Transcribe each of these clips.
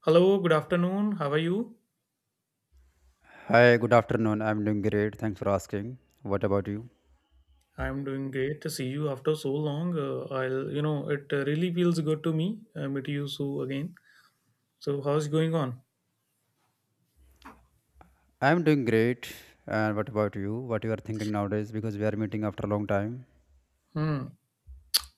Hello, good afternoon. How are you? Hi, good afternoon. I'm doing great. Thanks for asking. What about you? I'm doing great to see you after so long. I'll, it really feels good to me meet you so again. So, how's going on? I'm doing great. And what about you? What you are thinking nowadays? Because we are meeting after a long time. Hmm.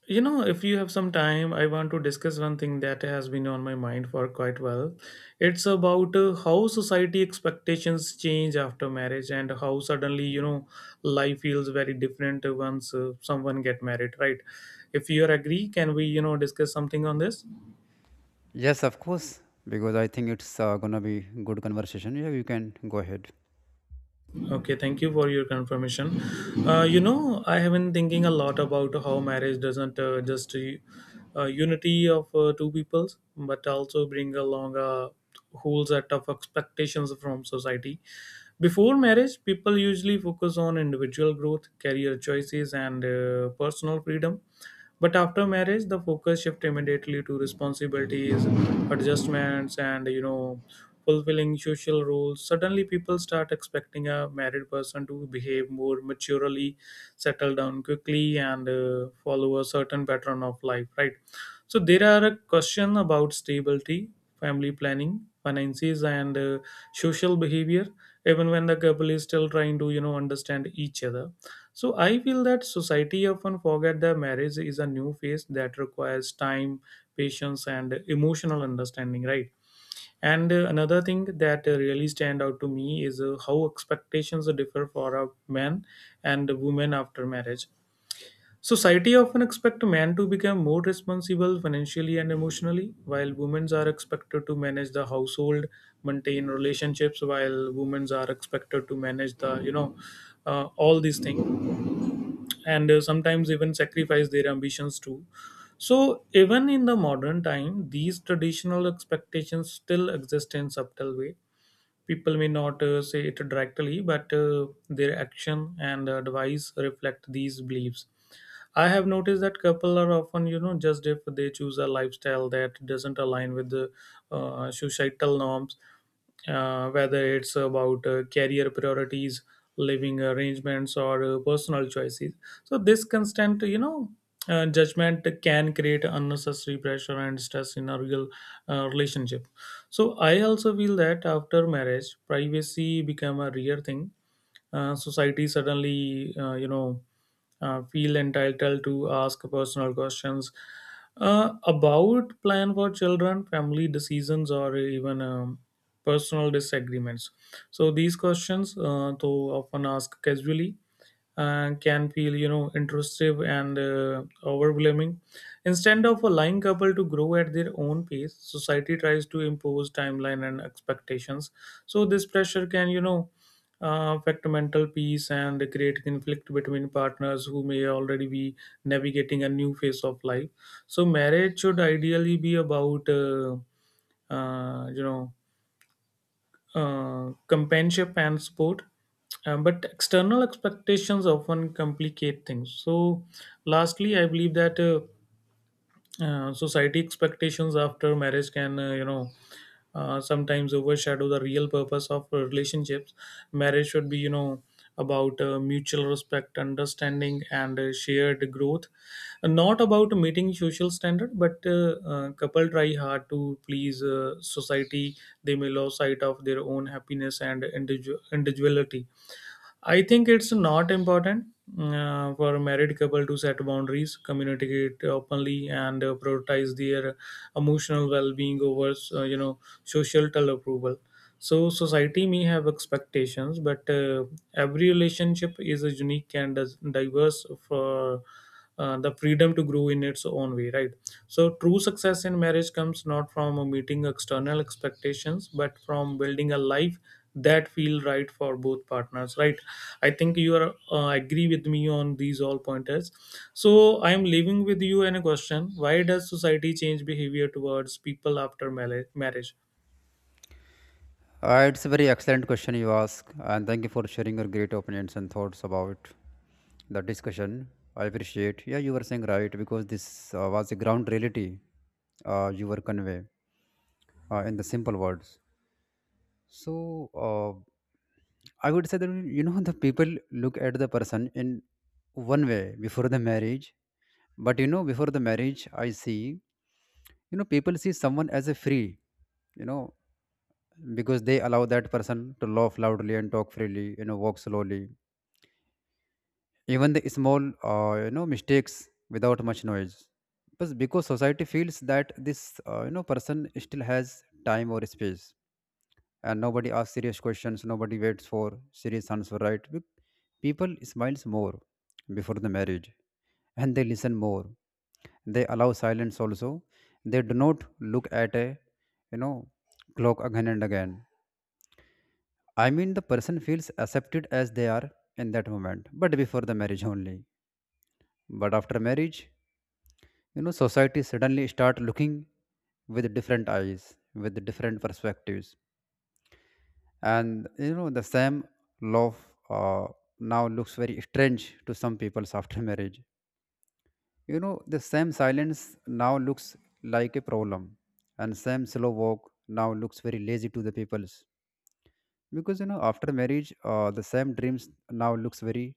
You know, if you have some time, I want to discuss one thing that has been on my mind for quite well. It's about how society expectations change after marriage and how suddenly, life feels very different once someone get married, right? If you are agree, can we, discuss something on this? Yes, of course. Because I think it's gonna be good conversation. Yeah, you can go ahead. Okay, thank you for your confirmation. I have been thinking a lot about how marriage doesn't just unity of two peoples, but also bring along a whole set of expectations from society. Before marriage, people usually focus on individual growth, career choices, and personal freedom, but after marriage, the focus shift immediately to responsibilities, adjustments, and you know, fulfilling social roles. Suddenly, people start expecting a married person to behave more maturely, settle down quickly, and follow a certain pattern of life. Right. So there are a question about stability, family planning, finances, and social behavior, even when the couple is still trying to you know understand each other. So I feel that society often forget that marriage is a new phase that requires time, patience, and emotional understanding, right? And another thing that really stand out to me is how expectations differ for a man and women after marriage. Society often expect men to become more responsible financially and emotionally, while women are expected to manage the household, maintain relationships, while women are expected to manage the you know all these things, and sometimes even sacrifice their ambitions too. So, even in the modern time, these traditional expectations still exist in subtle way. People may not say it directly, but their action and advice reflect these beliefs. I have noticed that couple are often, you know, just if they choose a lifestyle that doesn't align with the societal norms, whether it's about career priorities, living arrangements, or personal choices. So this constant, you know, judgment can create unnecessary pressure and stress in a real relationship. So I also feel that after marriage, privacy become a rare thing. Society suddenly feel entitled to ask personal questions about plan for children, family decisions, or even personal disagreements. So these questions, though often asked casually, can feel you know intrusive and overwhelming. Instead of allowing couple to grow at their own pace, society tries to impose timeline and expectations. So this pressure can, you know, affect mental peace and create conflict between partners who may already be navigating a new phase of life. So marriage should ideally be about, uh, you know, companionship and support. But external expectations often complicate things. So, lastly, I believe that society expectations after marriage can sometimes overshadow the real purpose of relationships. Marriage should be you know about mutual respect, understanding, and shared growth, not about meeting social standard, but couple try hard to please society. They may lose sight of their own happiness and individuality. I think it's not important for a married couple to set boundaries, communicate openly, and prioritize their emotional well-being over, societal approval. So society may have expectations, but every relationship is a unique and diverse for the freedom to grow in its own way, right? So, true success in marriage comes not from meeting external expectations, but from building a life that feel right for both partners. Right? I think you are agree with me on these all pointers. So, I am leaving with you in a question: why does society change behavior towards people after marriage? It's a very excellent question you ask, and thank you for sharing your great opinions and thoughts about the discussion. I appreciate. Yeah, you were saying right because this was a ground reality you were convey in the simple words. So. Uh, I would say that you know the people look at the person in one way before the marriage, but you know before the marriage, I see you know people see someone as a free, you know because they allow that person to laugh loudly and talk freely, you know walk slowly, even the small you know mistakes without much noise. But because society feels that this you know person still has time or space, and nobody asks serious questions, nobody waits for serious answer, right? People smiles more before the marriage, and they listen more, they allow silence also. They do not look at a you know clock again and again. I mean, the person feels accepted as they are in that moment, but before the marriage only. But after marriage, you know society suddenly start looking with different eyes, with different perspectives, and you know the same love uh, now looks very strange to some people after marriage. You know the same silence now looks like a problem, and same slow walk now looks very lazy to the peoples, because you know after marriage the same dreams now looks very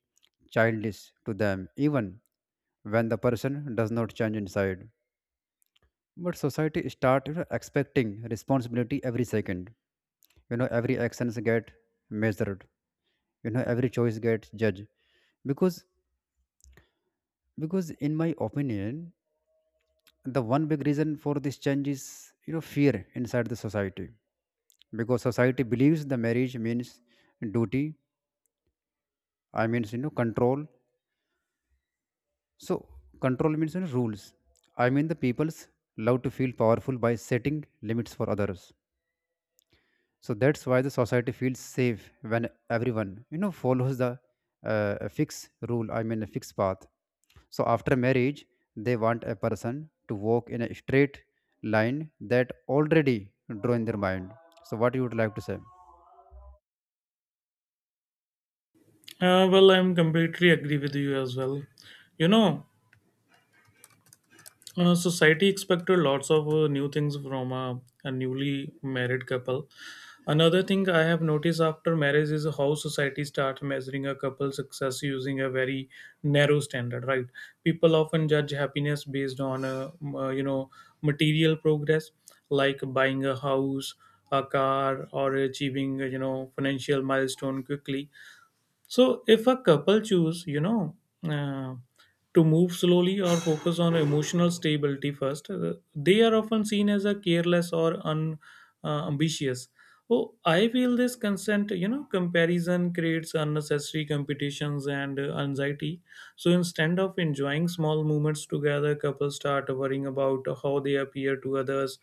childish to them, even when the person does not change inside. But society start, you know, expecting responsibility every second. You know every actions get measured, you know every choice gets judged, because because in my opinion the one big reason for this change is, you know, fear inside the society, because society believes the marriage means duty. I mean, you know, control. So control means, you know, rules. I mean, the people's love to feel powerful by setting limits for others. So that's why the society feels safe when everyone you know follows the fixed rule, I mean a fixed path. So after marriage they want a person to walk in a straight line that already drawn in their mind. So what you would like to say? Well, I'm completely agree with you as well. You know, society expected lots of new things from a newly married couple. Another thing I have noticed after marriage is how society starts measuring a couple's success using a very narrow standard, right? People often judge happiness based on, uh, you know, material progress, like buying a house, a car, or achieving, financial milestone quickly. So if a couple choose, uh, to move slowly or focus on emotional stability first, they are often seen as a careless or ambitious. Oh, I feel this consent, comparison creates unnecessary competitions and anxiety. So instead of enjoying small moments together, couples start worrying about how they appear to others.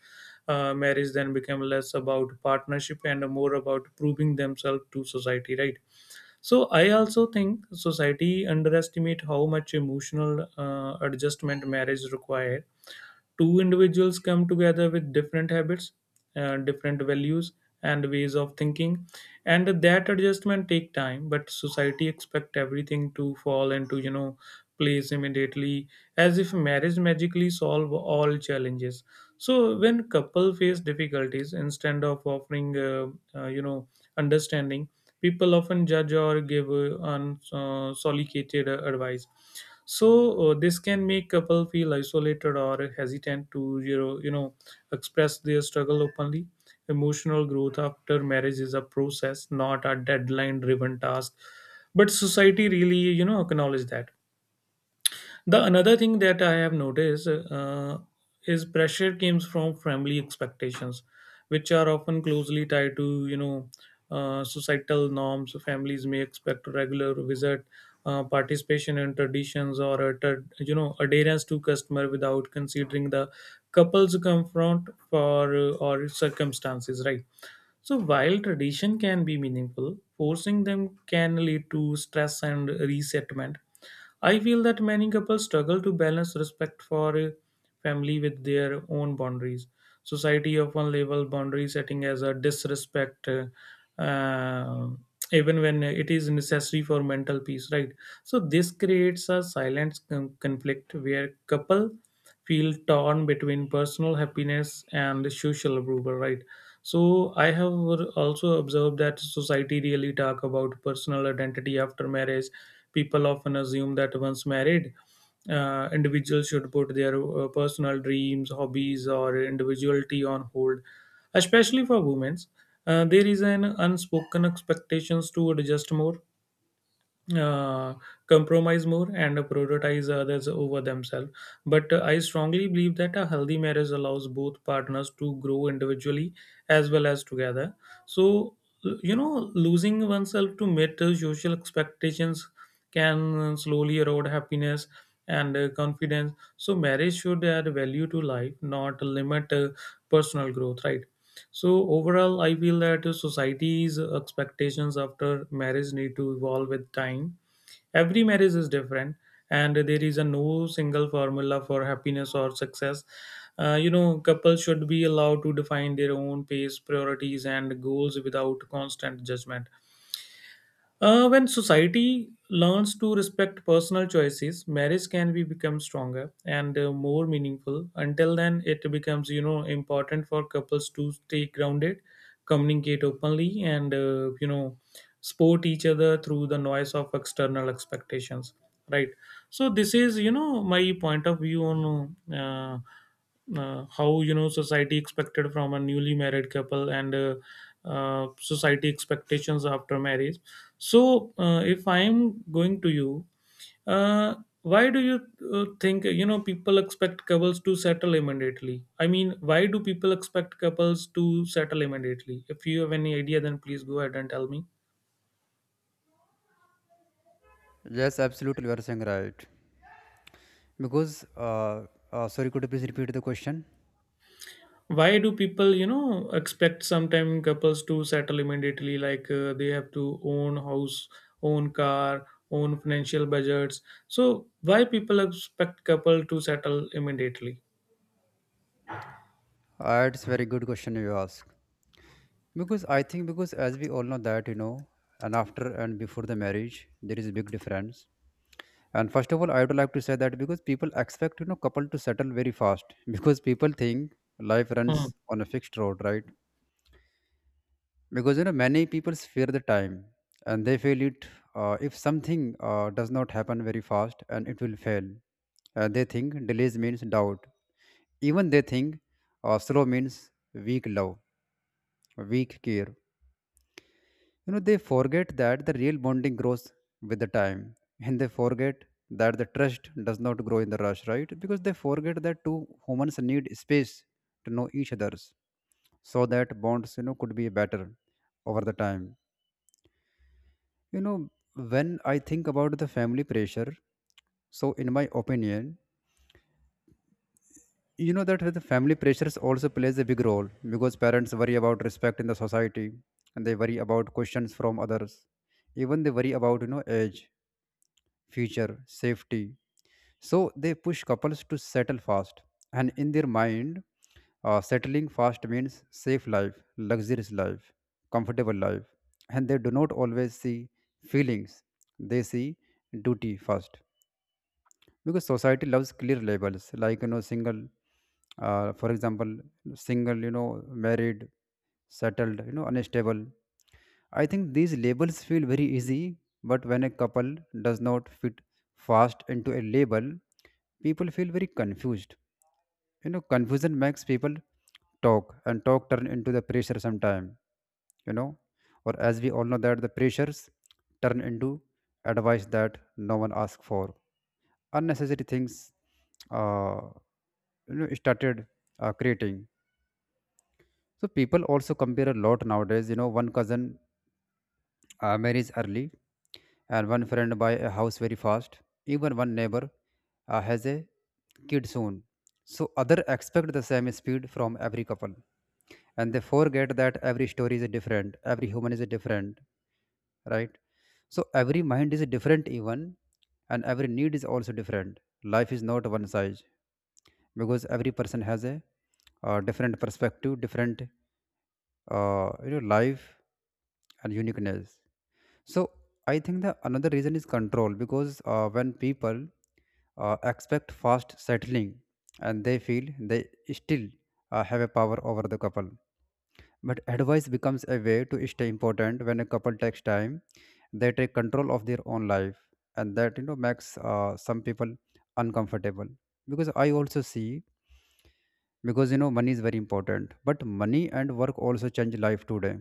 Marriage then become less about partnership and more about proving themselves to society, right? So I also think society underestimate how much emotional adjustment marriage require. Two individuals come together with different habits, different values, and ways of thinking, and that adjustment take time, but society expect everything to fall into you know place immediately, as if marriage magically solve all challenges. So when couple face difficulties, instead of offering uh, you know understanding, people often judge or give unsolicited advice. So this can make couple feel isolated or hesitant to you know express their struggle openly. Emotional growth after marriage is a process, not a deadline driven task, but society really you know acknowledge that. The another thing that I have noticed is pressure comes from family expectations, which are often closely tied to you know societal norms. Families may expect regular visit, participation in traditions, or a you know adherence to customer without considering the couple's confront for or circumstances. Right. So while tradition can be meaningful, forcing them can lead to stress and resettlement. I feel that many couples struggle to balance respect for family with their own boundaries. Society often label boundary setting as a disrespect, uh, even when it is necessary for mental peace, right? So this creates a silent conflict where couple feel torn between personal happiness and social approval, right? So I have also observed that society really talk about personal identity after marriage. People often assume that once married, individuals should put their personal dreams, hobbies, or individuality on hold, especially for women. There is an unspoken expectations to adjust more, uh, compromise more, and prioritize others over themselves. But I strongly believe that a healthy marriage allows both partners to grow individually as well as together. So, you know, losing oneself to meet the social expectations can slowly erode happiness and confidence. So, marriage should add value to life, not limit personal growth, right? So, overall, I feel that society's expectations after marriage need to evolve with time. Every marriage is different, and there is a no single formula for happiness or success. You know, couples should be allowed to define their own pace, priorities, and goals without constant judgment. When society learns to respect personal choices, marriage can be become stronger and more meaningful. Until then, it becomes you know important for couples to stay grounded, communicate openly, and support each other through the noise of external expectations. Right. So this is you know my point of view on how you know society expected from a newly married couple, and society expectations after marriage. So if I am going to you uh, why do you think you know people expect couples to settle immediately? I mean, why do people expect couples to settle immediately? If you have any idea, then please go ahead and tell me. Yes, absolutely, you are saying right, because sorry, could you please repeat the question? Why do people you know expect sometime couples to settle immediately, like they have to own house, own car, own financial budgets? So why people expect couple to settle immediately? It's very good question you ask, because I think because as we all know that, you know, and after and before the marriage there is a big difference. And first of all, I would like to say that because people expect, you know, couple to settle very fast because people think life runs Hmm. on a fixed road, right? Because you know many people fear the time, and they feel it if something does not happen very fast and it will fail. They think delays means doubt. Even they think slow means weak love, weak care. You know, they forget that the real bonding grows with the time, and they forget that the trust does not grow in the rush, right? Because they forget that two humans need space to know each other's, so that bonds, you know, could be better over the time. You know, when I think about the family pressure, so in my opinion, you know that the family pressures also plays a big role because parents worry about respect in the society, and they worry about questions from others. Even they worry about you know age, future, safety. So they push couples to settle fast. And in their mind, settling fast means safe life, luxurious life, comfortable life. And they do not always see feelings, they see duty first, because society loves clear labels like, you know, single, for example, single, you know, married, settled, you know, unstable. I think these labels feel very easy, but when a couple does not fit fast into a label, people feel very confused. You know, confusion makes people talk, and talk turn into the pressure sometime, you know, or as we all know that the pressures turn into advice that no one asks for, unnecessary things, uh, you know started creating. So people also compare a lot nowadays. You know, one cousin marries early, and one friend buy a house very fast, even one neighbor has a kid soon. So other expect the same speed from every couple, and they forget that every story is different, every human is different, right? So every mind is different even, and every need is also different. Life is not one size, because every person has a different perspective, different, you know, life and uniqueness. So I think the another reason is control, because when people expect fast settling, and they feel they still have a power over the couple, but advice becomes a way to stay important. When a couple takes time, they take control of their own life, and that, you know, makes some people uncomfortable. Because I also see, because you know money is very important, but money and work also change life today,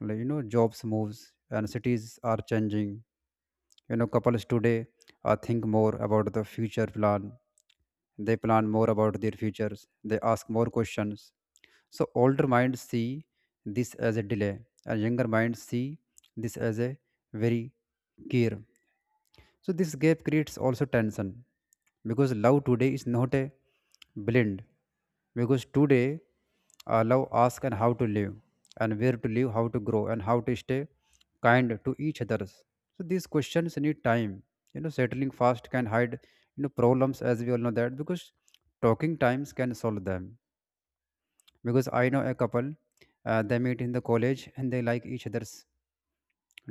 like you know jobs moves, and cities are changing. You know couples today think more about the future plan, they plan more about their futures, they ask more questions. So older minds see this as a delay, and younger minds see this as a very gear. So this gap creates also tension, because love today is not a blend, because today love asks and how to live, and where to live, how to grow, and how to stay kind to each others. So these questions need time. You know, settling fast can hide you know problems, as we all know that, because talking times can solve them. Because I know a couple, they meet in the college, and they like each others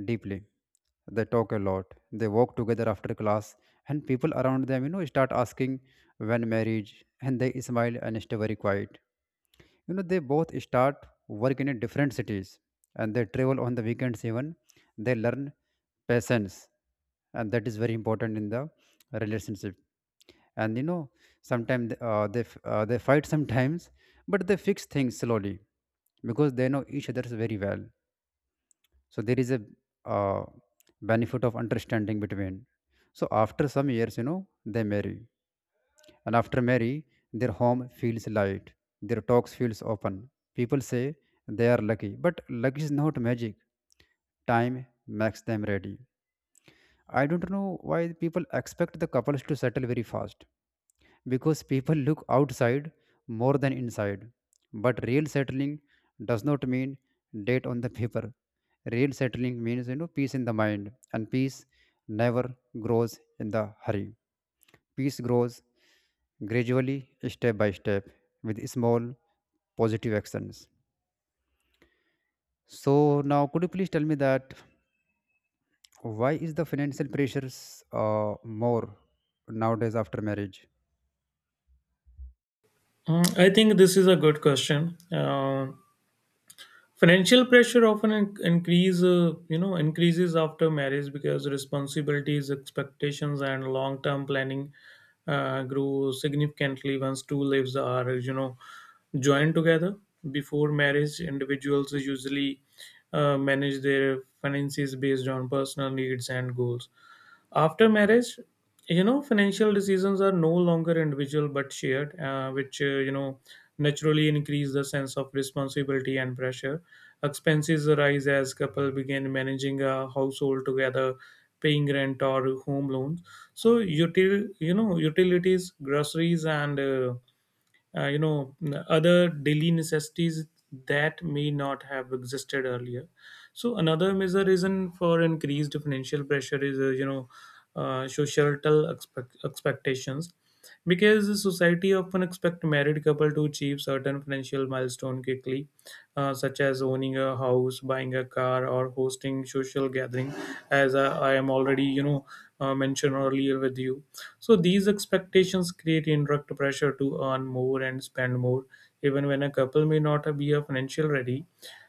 deeply, they talk a lot. They walk together after class, and people around them, you know, start asking when marriage, and they smile and stay very quiet. You know, they both start work in a different cities, and they travel on the weekends even. They learn patience, and that is very important in the relationship. And you know, sometimes they fight sometimes, but they fix things slowly, because they know each other very well. So there is a uh, benefit of understanding between. So after some years, you know, they marry, and after marry their home feels light, their talks feels open, people say they are lucky, but luck is not magic. Time makes them ready. I don't know why people expect the couples to settle very fast, because people look outside more than inside. But real settling does not mean date on the paper. Real settling means, you know, peace in the mind, and peace never grows in the hurry. Peace grows gradually, step by step, with small positive actions. So now, could you please tell me that why is the financial pressures more nowadays after marriage? Hmm. I think this is a good question. Financial pressure often increase increases after marriage because responsibilities, expectations, and long term planning grew significantly once two lives are you know joined together. Before marriage, individuals usually manage their finances based on personal needs and goals. After marriage, you know, financial decisions are no longer individual but shared, which naturally increase the sense of responsibility and pressure. Expenses rise as couple begin managing a household together, paying rent or home loans. So, utilities, groceries, and uh, you know other daily necessities that may not have existed earlier. So another major reason for increased financial pressure is societal expectations, because the society often expect married couple to achieve certain financial milestone quickly, such as owning a house, buying a car, or hosting social gathering, as I am already mentioned earlier with you. So these expectations create indirect pressure to earn more and spend more, even when a couple may not be a financial ready.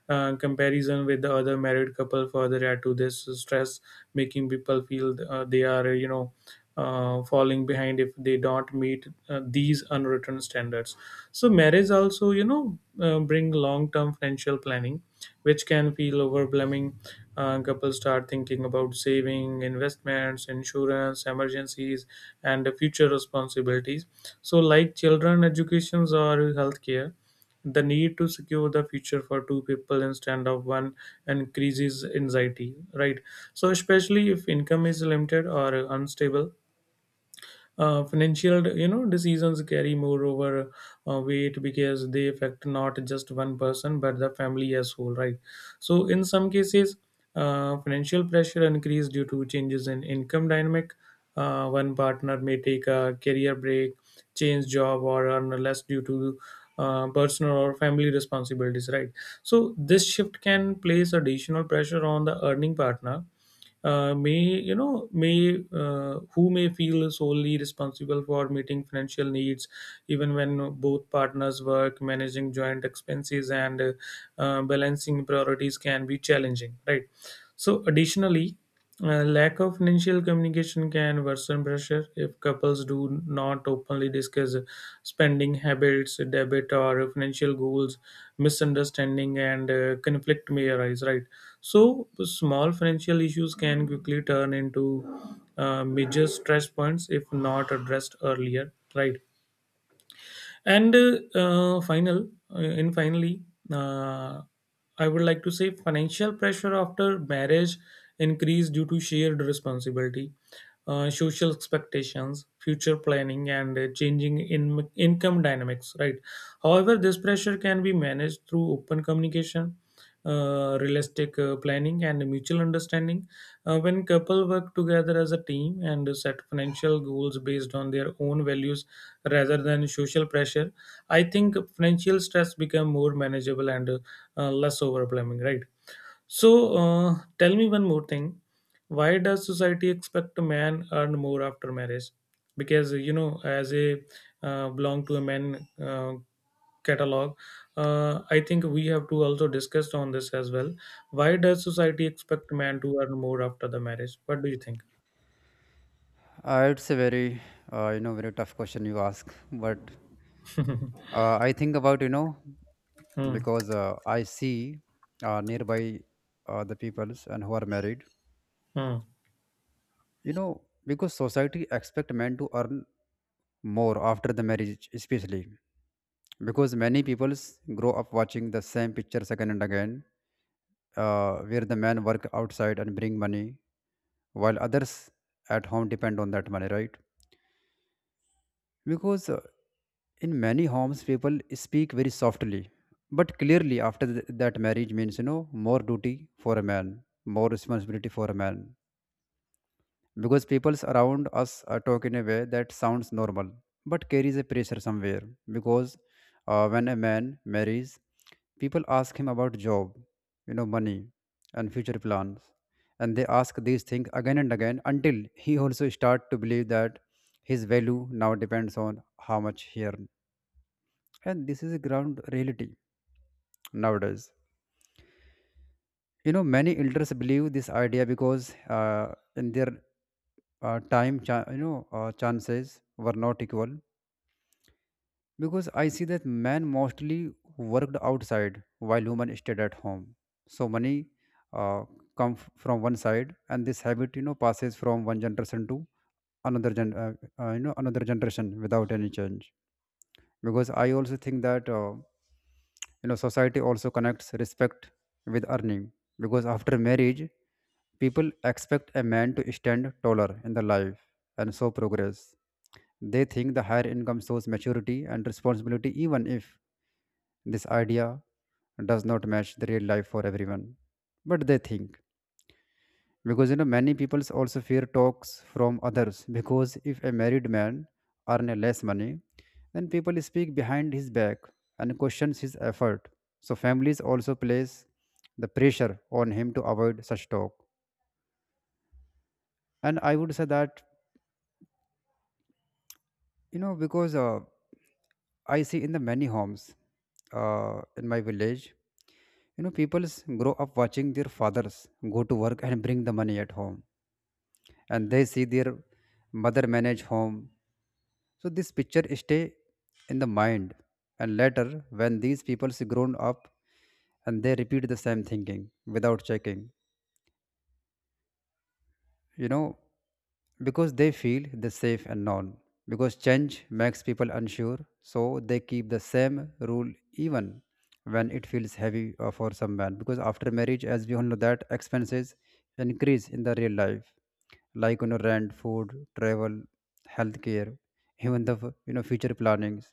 Comparison with the other married couple further add to this stress, making people feel they are, falling behind if they don't meet these unwritten standards. So marriage also, bring long-term financial planning which can feel overwhelming. Couples start thinking about saving, investments, insurance, emergencies, and future responsibilities. So, like children, educations, or healthcare, the need to secure the future for two people instead of one increases anxiety, right? So, especially if income is limited or unstable, financial decisions carry more over weight because they affect not just one person but the family as whole, right? So in some cases, financial pressure increase due to changes in income dynamic. One partner may take a career break, change job, or earn less due to personal or family responsibilities, right? So this shift can place additional pressure on the earning partner, may you know may who may feel solely responsible for meeting financial needs. Even when both partners work, managing joint expenses and balancing priorities can be challenging, right? So, additionally, lack of financial communication can worsen pressure if couples do not openly discuss spending habits, debit, or financial goals. Misunderstanding and conflict may arise, right? So, small financial issues can quickly turn into major stress points if not addressed earlier, right? And uh, final, and finally, uh, I would like to say financial pressure after marriage increase due to shared responsibility, social expectations, future planning, and changing in income dynamics. Right. However, this pressure can be managed through open communication. Realistic planning and mutual understanding, when couple work together as a team and set financial goals based on their own values rather than social pressure. I think financial stress become more manageable and less overwhelming, right? So tell me one more thing. Why does society expect a man earn more after marriage? Because you know, as a belong to a man catalog, I think we have to also discuss on this as well. Why does society expect man to earn more after the marriage? What do you think? It's a very you know very tough question you ask, but I think about you know, Hmm. because I see nearby the peoples and who are married, Hmm. you know, because society expect men to earn more after the marriage, especially because many peoples grow up watching the same pictures again and again, where the men work outside and bring money, while others at home depend on that money, right? Because in many homes people speak very softly but clearly after that marriage means, you know, more duty for a man, more responsibility for a man, because people around us are talk in a way that sounds normal but carries a pressure somewhere. Because when a man marries, people ask him about job, you know, money, and future plans, and they ask these things again and again until he also start to believe that his value now depends on how much he earns, and this is a ground reality nowadays. You know, many elders believe this idea because in their time, you know, chances were not equal. Because I see that men mostly worked outside while women stayed at home. So money uh, from one side, and this habit, you know, passes from one generation to another gen, uh, you know, another generation without any change. Because I also think that. You know, society also connects respect with earning, because after marriage people expect a man to stand taller in the life and show progress. They think the higher income shows maturity and responsibility, even if this idea does not match the real life for everyone, but they think, because you know, many people also fear talks from others, because if a married man earn a less money, then people speak behind his back and questions his effort. So families also place the pressure on him to avoid such talk. And I would say that, you know, because I see in the many homes in my village, you know, people grow up watching their fathers go to work and bring the money at home, and they see their mother manage home. So this picture stay in the mind, and later when these people is grown up, and they repeat the same thinking without checking, you know, because they feel the safe and known. Because change makes people unsure, so they keep the same rule even when it feels heavy for some man. Because after marriage, as we all know, that expenses increase in the real life, like you know, rent, food, travel, healthcare, even the you know future plannings.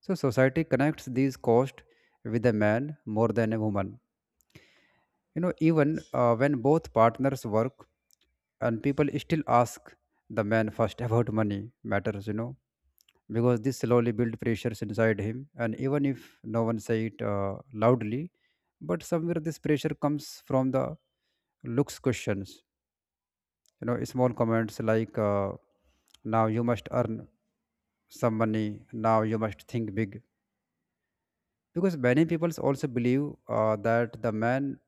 So society connects these costs with a man more than a woman. You know, even when both partners work, and people still ask the man first about money matters. You know, because this slowly build pressures inside him, and even if no one say it loudly, but somewhere this pressure comes from the looks questions. You know, small comments like "Now you must earn some money. Now you must think big." Because many people also believe that the man,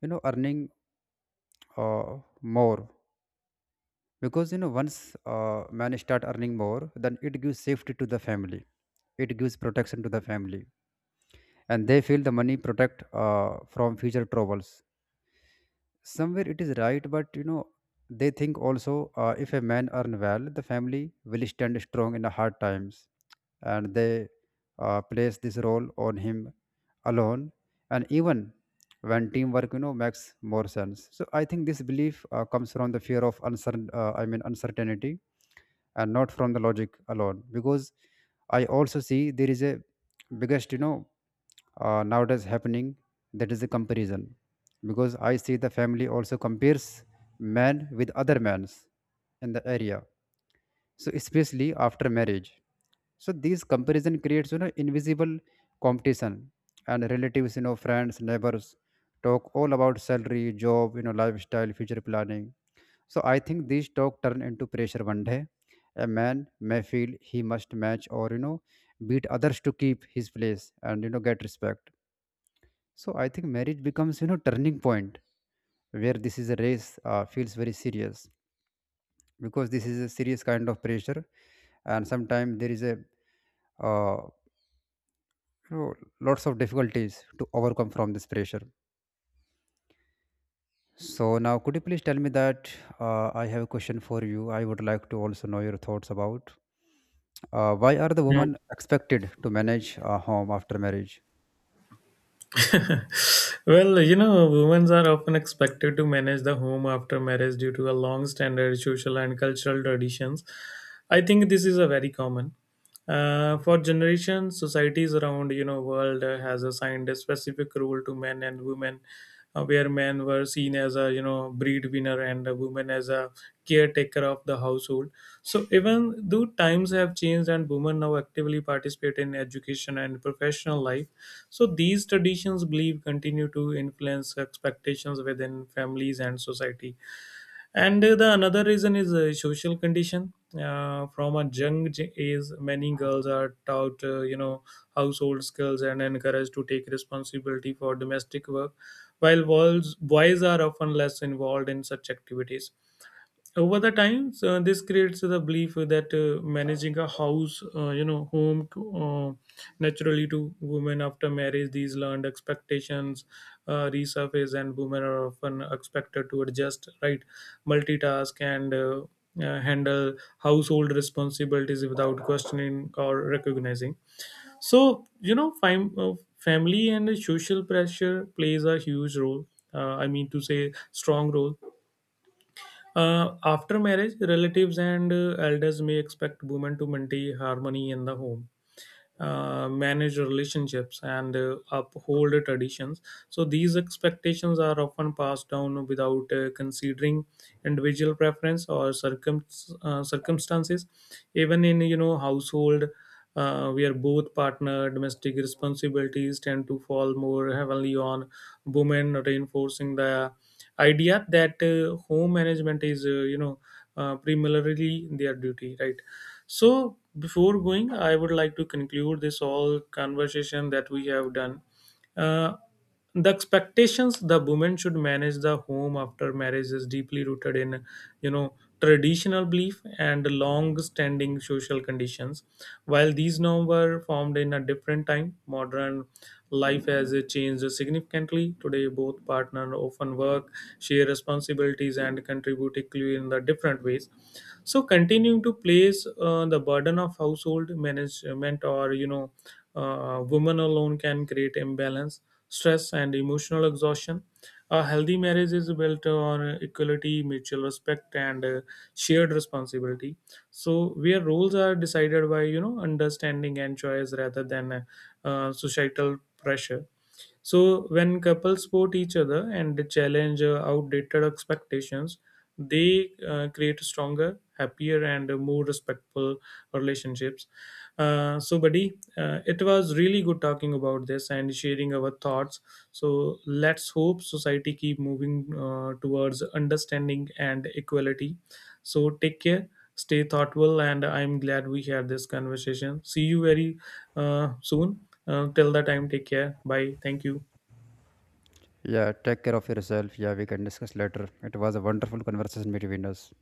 you know, earning uh, more, because you know, once man start earning more, then it gives safety to the family, it gives protection to the family, and they feel the money protect from future troubles. Somewhere it is right, but you know, they think also if a man earn well, the family will stand strong in the hard times, and they place this role on him alone, and even when teamwork you know makes more sense. So I think this belief comes from the fear of uncertain, uncertainty, and not from the logic alone. Because I also see there is a biggest you know nowadays happening, that is a comparison. Because I see the family also compares man with other men's in the area, so especially after marriage. So these comparison creates you know invisible competition, and relatives, you know, friends, neighbors talk all about salary, job, you know, lifestyle, future planning. So I think these talk turn into pressure one day. A man may feel he must match or you know beat others to keep his place and you know get respect. So I think marriage becomes, you know, turning point where this is a race feels very serious, because this is a serious kind of pressure, and sometimes there is a uh, you know, lots of difficulties to overcome from this pressure. So now, could you please tell me that I have a question for you? I would like to also know your thoughts about why are the Hmm. women expected to manage a home after marriage? Well, you know, women are often expected to manage the home after marriage due to a long standard social and cultural traditions. I think this is a very common. For generations, societies around you know world has assigned a specific role to men and women, where men were seen as a you know breadwinner and a woman as a caretaker of the household. So even though times have changed and women now actively participate in education and professional life, so these traditions believe continue to influence expectations within families and society. And the another reason is a social condition. From a young age, many girls are taught, you know, household skills and encouraged to take responsibility for domestic work, while boys are often less involved in such activities. Over the times, this creates the belief that managing a house, you know, home to, naturally to women after marriage. These learned expectations resurface and women are often expected to adjust, right, multitask and handle household responsibilities without questioning or recognizing. So you know family and social pressure plays a huge role, I mean to say strong role. After marriage, relatives and elders may expect women to maintain harmony in the home, manage relationships and uphold traditions. So these expectations are often passed down without considering individual preference or circumstances. Even in you know household where both partner domestic responsibilities tend to fall more heavily on women, reinforcing the idea that home management is primarily their duty, right? So, before going, I would like to conclude this all conversation that we have done. Uh, the expectations the women should manage the home after marriage is deeply rooted in, you know, traditional belief and long-standing social conditions. While these norms were formed in a different time, modern life has changed significantly. Today, both partners often work, share responsibilities, and contribute equally in the different ways. So continuing to place the burden of household management or you know women alone can create imbalance, stress and emotional exhaustion. A healthy marriage is built on equality, mutual respect and shared responsibility, so where roles are decided by you know understanding and choice rather than societal pressure. So when couples support each other and they challenge outdated expectations, they create stronger, happier, and more respectful relationships. So, buddy, it was really good talking about this and sharing our thoughts. So let's hope society keep moving towards understanding and equality. So take care, stay thoughtful, and I'm glad we had this conversation. See you very soon. Till the time, take care. Bye. Thank you. Yeah, take care of yourself. Yeah, we can discuss later. It was a wonderful conversation between us.